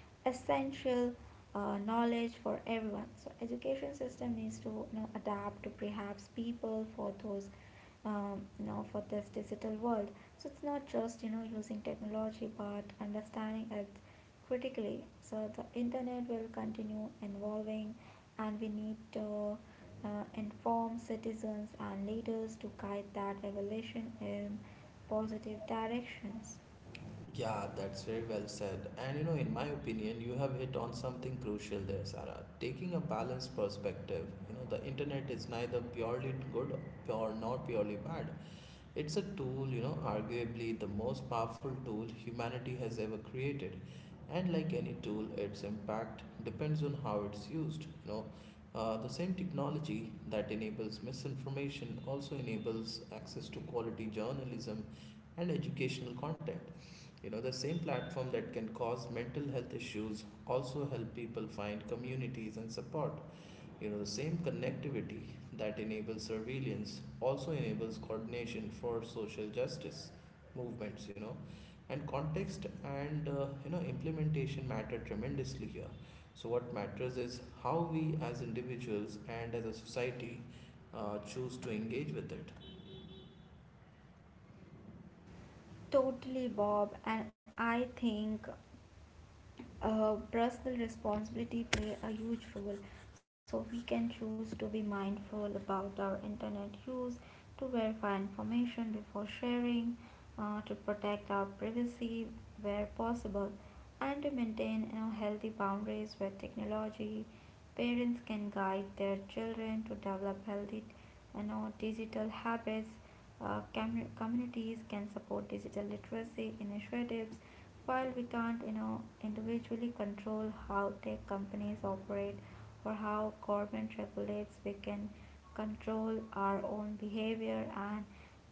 S2: essential uh, knowledge for everyone. So education system needs to you know, adapt to perhaps people for those um, you know, for this digital world. So it's not just you know using technology, but understanding it critically. So the internet will continue evolving, and we need to uh, inform citizens and leaders to guide that evolution in positive directions.
S1: Yeah, that's very well said. And you know, in my opinion, you have hit on something crucial there, Sarah. Taking a balanced perspective, you know, the internet is neither purely good or not purely bad. It's a tool, you know, arguably the most powerful tool humanity has ever created. And like any tool, its impact depends on how it's used. You know, uh, the same technology that enables misinformation also enables access to quality journalism and educational content. You know, the same platform that can cause mental health issues also help people find communities and support. You know, the same connectivity that enables surveillance also enables coordination for social justice movements, you know. And context and, uh, you know, implementation matter tremendously here. So, what matters is how we as individuals and as a society uh, choose to engage with it.
S2: Totally, Bob. And I think uh, personal responsibility play a huge role. So we can choose to be mindful about our internet use, to verify information before sharing, uh, to protect our privacy where possible, and to maintain you know, healthy boundaries with technology. Parents can guide their children to develop healthy and our digital habits. Uh, commu- communities can support digital literacy initiatives. While we can't you know individually control how tech companies operate or how government regulates, we can control our own behavior and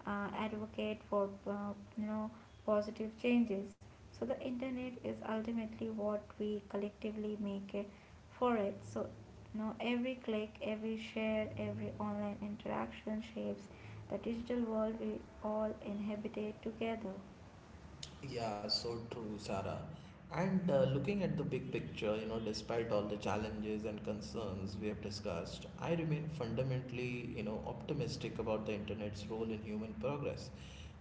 S2: uh, advocate for uh, you know positive changes. So the internet is ultimately what we collectively make it for it. So now, every click, every share, every online interaction shapes the digital world we all inhabitate together.
S1: Yeah, so true, Sarah. And uh, looking at the big picture, you know, despite all the challenges and concerns we have discussed, I remain fundamentally, you know, optimistic about the internet's role in human progress,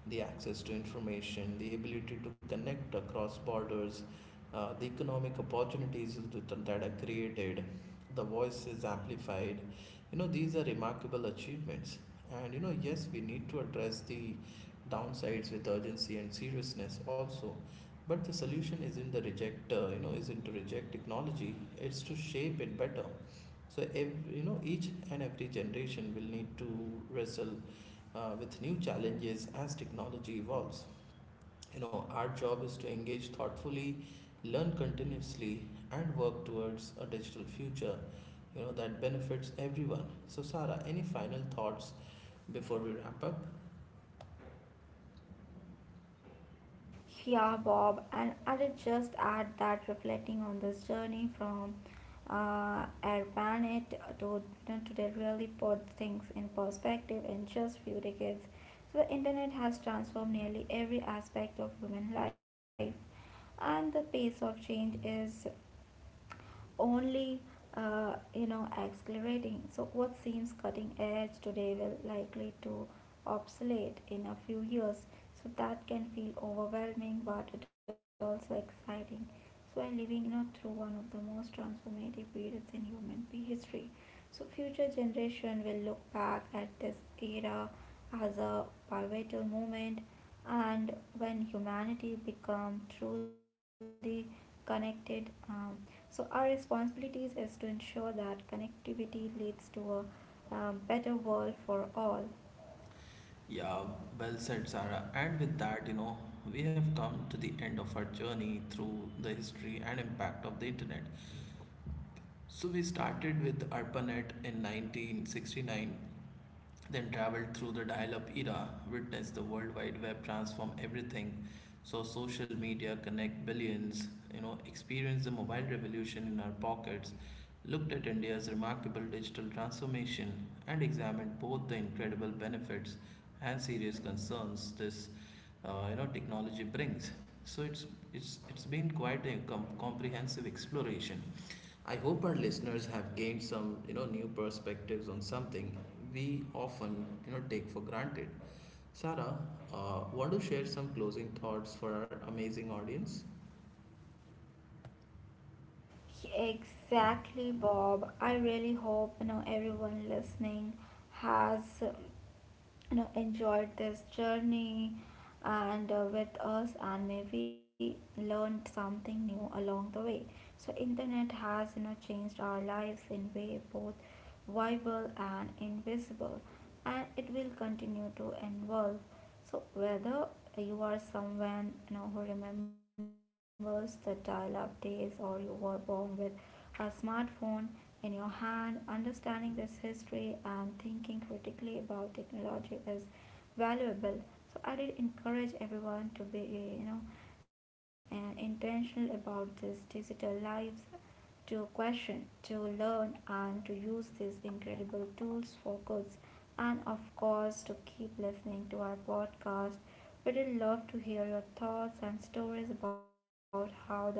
S1: the access to information, the ability to connect across borders, uh, the economic opportunities that are created, the voice is amplified. You know, these are remarkable achievements. And you know, yes, we need to address the downsides with urgency and seriousness also. But the solution isn't the reject, uh, you know, isn't to reject technology. It's to shape it better. So, every, you know, each and every generation will need to wrestle uh, with new challenges as technology evolves. You know, our job is to engage thoughtfully, learn continuously, and work towards a digital future. You know, that benefits everyone. So, Sarah, any final thoughts before we wrap up?
S2: Yeah, Bob, and I did just add that reflecting on this journey from uh, Arpanet to, to they really put things in perspective in just few decades. So the internet has transformed nearly every aspect of human life, and the pace of change is only uh, you know accelerating. So what seems cutting edge today will likely to obsolete in a few years. So that can feel overwhelming, but it also exciting. So we're living you know through one of the most transformative periods in human history. So future generation will look back at this era as a pivotal moment, and when humanity become truly connected. Um, so our responsibilities is to ensure that connectivity leads to a um, better world for all.
S1: Yeah, well said, Sarah. And with that, you know, we have come to the end of our journey through the history and impact of the internet. So we started with ARPANET in nineteen sixty-nine, then traveled through the dial-up era, witnessed the World Wide Web transform everything, saw social media connect billions, you know, experienced the mobile revolution in our pockets, looked at India's remarkable digital transformation, and examined both the incredible benefits and serious concerns this uh, you know, technology brings. So it's it's it's been quite a com- comprehensive exploration. I hope our listeners have gained some, you know, new perspectives on something we often, you know, take for granted. Sarah, uh, want to share some closing thoughts for our amazing audience?
S2: Exactly, Bob. I really hope you know everyone listening has you know enjoyed this journey and uh, with us and maybe learned something new along the way. So internet has you know changed our lives in way both viable and invisible, and it will continue to evolve. So whether you are someone you know, who remembers the dial up days or you were born with a smartphone in your hand, understanding this history and thinking critically about technology is valuable. So I did encourage everyone to be, you know, and intentional about this digital lives, to question, to learn, and to use these incredible tools for good. And of course, to keep listening to our podcast. We'd love to hear your thoughts and stories about how the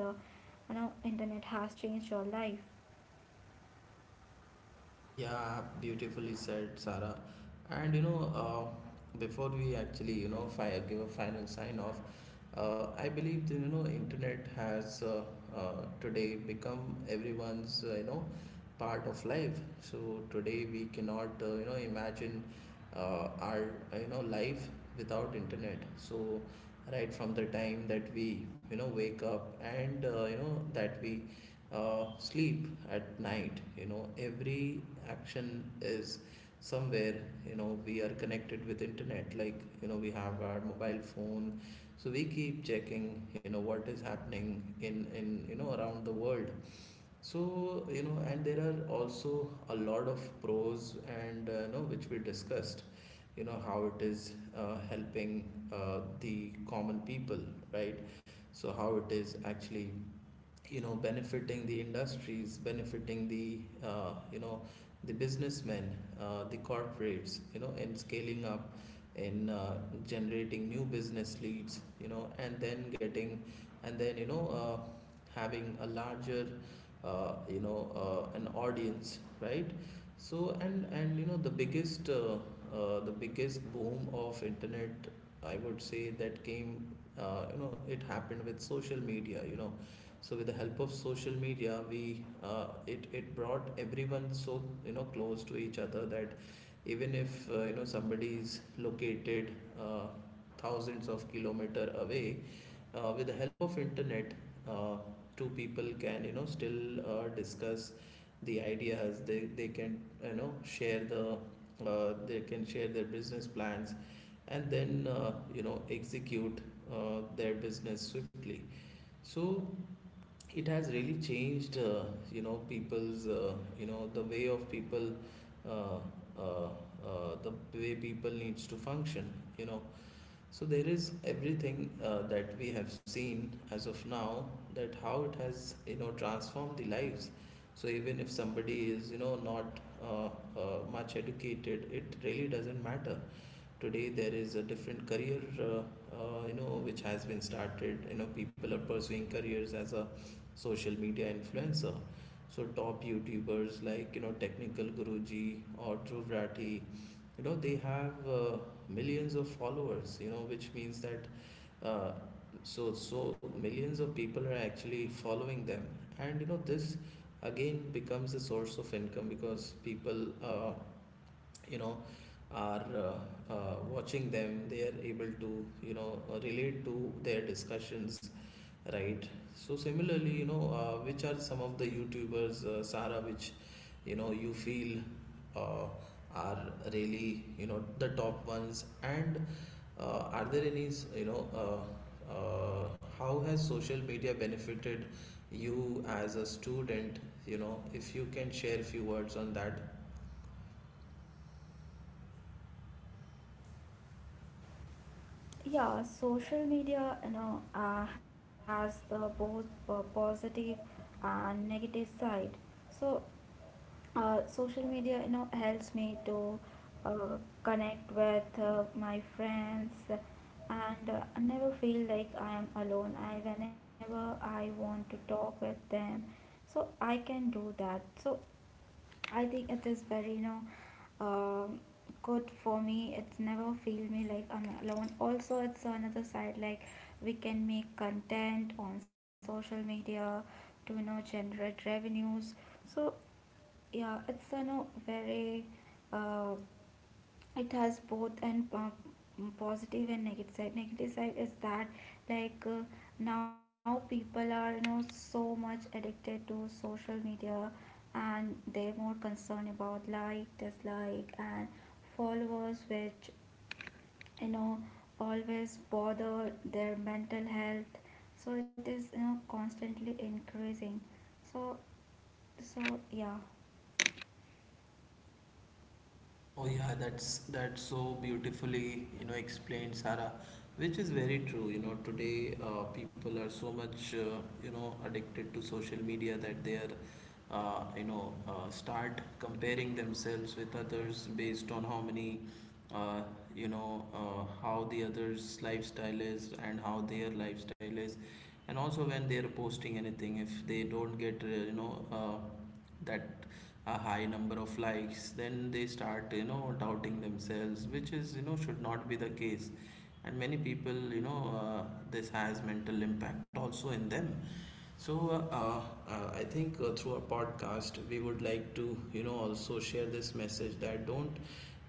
S2: you know, internet has changed your life.
S1: Yeah, beautifully said, Sarah. And you know, uh, before we actually, you know, fi- give a final sign off, uh, I believe that, you know, internet has uh, uh, today become everyone's, uh, you know, part of life. So today we cannot, uh, you know, imagine uh, our, uh, you know, life without internet. So right from the time that we, you know, wake up and, uh, you know, that we uh, sleep at night, you know, every action is somewhere, you know, we are connected with internet. Like, you know, we have our mobile phone, so we keep checking, you know, what is happening in in you know, around the world. So, you know, and there are also a lot of pros and, uh, you know, which we discussed, you know, how it is uh, helping uh, the common people, right? So how it is actually, you know, benefiting the industries, benefiting the, uh, you know, the businessmen, uh, the corporates, you know, in scaling up, in, uh, generating new business leads, you know, and then getting, and then, you know, uh, having a larger, uh, you know, uh, an audience, right? So, and and you know, the biggest, uh, uh, the biggest boom of internet, I would say that came, uh, you know, it happened with social media, you know. So with the help of social media, we uh, it it brought everyone so, you know, close to each other that even if, uh, you know, somebody is located, uh, thousands of kilometer away, uh, with the help of internet, uh, two people can, you know, still, uh, discuss the ideas. They they can, you know, share the, uh, they can share their business plans, and then, uh, you know, execute, uh, their business swiftly. So it has really changed, uh, you know, people's, uh, you know, the way of people, uh, uh, uh, the way people needs to function, you know. So there is everything, uh, that we have seen as of now, that how it has, you know, transformed the lives. So even if somebody is, you know, not, uh, uh, much educated, it really doesn't matter. Today there is a different career, uh, uh, you know, which has been started. You know, people are pursuing careers as a social media influencer. So top YouTubers like, you know, Technical Guruji or Dhruv rathi you know, they have, uh, millions of followers, you know, which means that, uh, so so millions of people are actually following them. And you know, this again becomes a source of income, because people, uh, you know, are, uh, uh, watching them. They are able to, you know, uh, relate to their discussions, right? So similarly, you know, uh, which are some of the YouTubers, uh, Sara, which, you know, you feel, uh, are really, you know, the top ones, and, uh, are there any, you know, uh, uh, how has social media benefited you as a student? You know, if you can share few words on that.
S2: Yeah, social media, you know, uh, has the both po- positive and negative side. So Uh, social media, you know, helps me to uh, connect with uh, my friends, and uh, I never feel like I am alone. I whenever I want to talk with them, so I can do that. So I think it is very, you know, um, good for me. It's never feel me like I'm alone. Also, it's another side like we can make content on social media to you know generate revenues. So yeah, it's you know very uh, it has both and uh, positive and negative side. Negative side is that like uh, now people are you know so much addicted to social media, and they're more concerned about like dislike and followers, which you know always bother their mental health. So it is you know constantly increasing. So so yeah.
S1: Oh yeah, that's that's so beautifully, you know, explained, Sarah, which is very true. You know, today, uh, people are so much, uh, you know, addicted to social media that they are, uh, you know, uh, start comparing themselves with others based on how many, uh, you know, uh, how the others' lifestyle is and how their lifestyle is, and also when they are posting anything, if they don't get, uh, you know. Uh, that a high number of likes, then they start, you know, doubting themselves, which is, you know, should not be the case. And many people, you know, uh, this has mental impact also in them. So, uh, uh, uh, I think, uh, through our podcast we would like to, you know, also share this message that don't,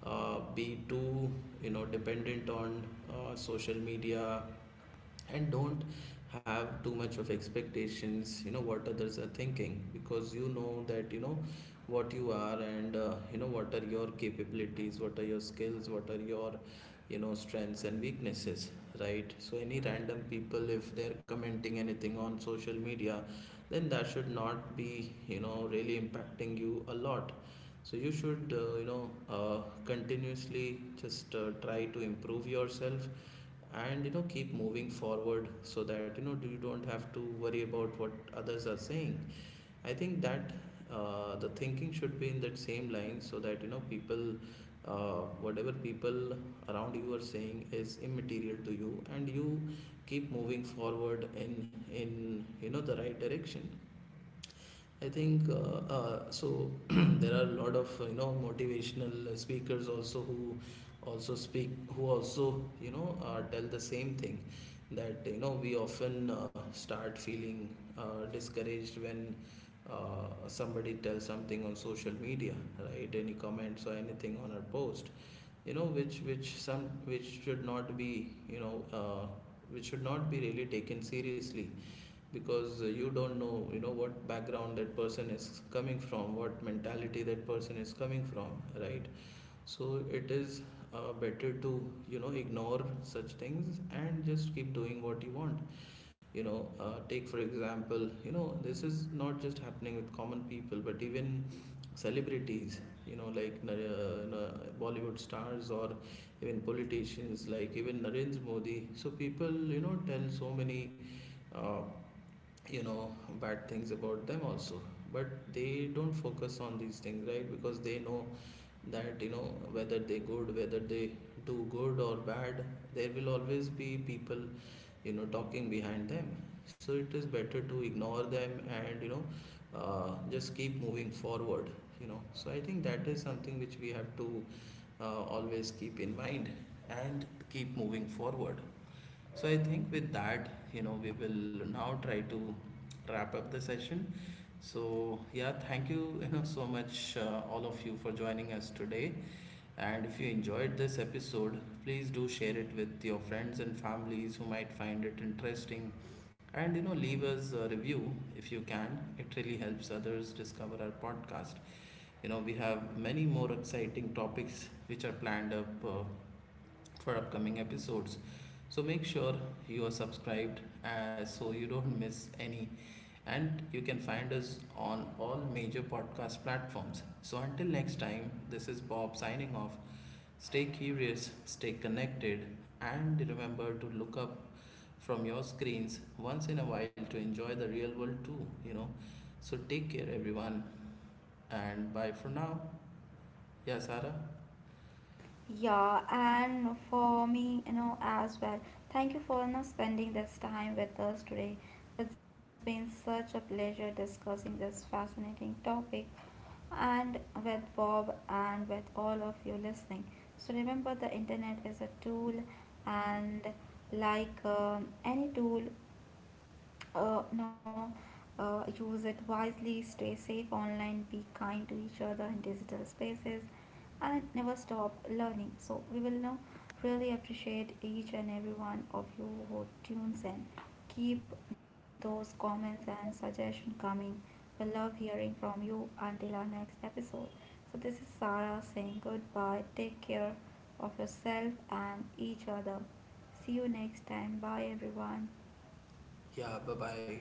S1: uh, be too, you know, dependent on, uh, social media, and don't have too much of expectations, you know, what others are thinking. Because you know that you know what you are and, uh, you know, what are your capabilities, what are your skills, what are your, you know, strengths and weaknesses, right? So any random people, if they're commenting anything on social media, then that should not be, you know, really impacting you a lot. So you should, uh, you know, uh, continuously just, uh, try to improve yourself and, you know, keep moving forward, so that you know, you don't have to worry about what others are saying. I think that, uh, the thinking should be in that same line, so that you know, people, uh, whatever people around you are saying is immaterial to you, and you keep moving forward in in you know, the right direction. I think, uh, uh, so. there are a lot of, uh, you know, motivational speakers also who also speak, who also, you know, uh, tell the same thing, that you know, we often, uh, start feeling, uh, discouraged when, uh, somebody tells something on social media, right? Any comments or anything on our post, you know, which which some which should not be, you know, uh, which should not be really taken seriously. Because, uh, you don't know, you know, what background that person is coming from, what mentality that person is coming from, right? So it is, uh, better to, you know, ignore such things and just keep doing what you want. You know, uh, take for example, you know, this is not just happening with common people, but even celebrities, you know, like, uh, uh, Bollywood stars or even politicians like even Narendra Modi. So people, you know, tell so many, uh, you know, bad things about them also. But they don't focus on these things, right? Because they know that, you know, whether they good, whether they do good or bad, there will always be people, you know, talking behind them. So it is better to ignore them and, you know, uh, just keep moving forward, you know. So I think that is something which we have to, uh, always keep in mind and keep moving forward. So I think with that, you know, we will now try to wrap up the session. So yeah, thank you, you know, so much, uh, all of you for joining us today. And if you enjoyed this episode, please do share it with your friends and families who might find it interesting. And you know, leave us a review if you can. It really helps others discover our podcast. You know, we have many more exciting topics which are planned up, uh, for upcoming episodes. So make sure you are subscribed, uh, so you don't miss any. And you can find us on all major podcast platforms. So until next time, this is Bob signing off. Stay curious, stay connected, and remember to look up from your screens once in a while to enjoy the real world too, you know. So take care, everyone, and bye for now. Yeah, Sarah.
S2: Yeah, and for me, you know, as well. Thank you for you know, spending this time with us today. It's been such a pleasure discussing this fascinating topic and with Bob and with all of you listening. So remember, the internet is a tool, and like um, any tool, uh, no, uh, use it wisely, stay safe online, be kind to each other in digital spaces, and never stop learning. So we will now really appreciate each and every one of you who tunes in. Keep those comments and suggestions coming. We love hearing from you until our next episode. So this is Sarah saying goodbye. Take care of yourself and each other. See you next time. Bye, everyone.
S1: Yeah, bye bye.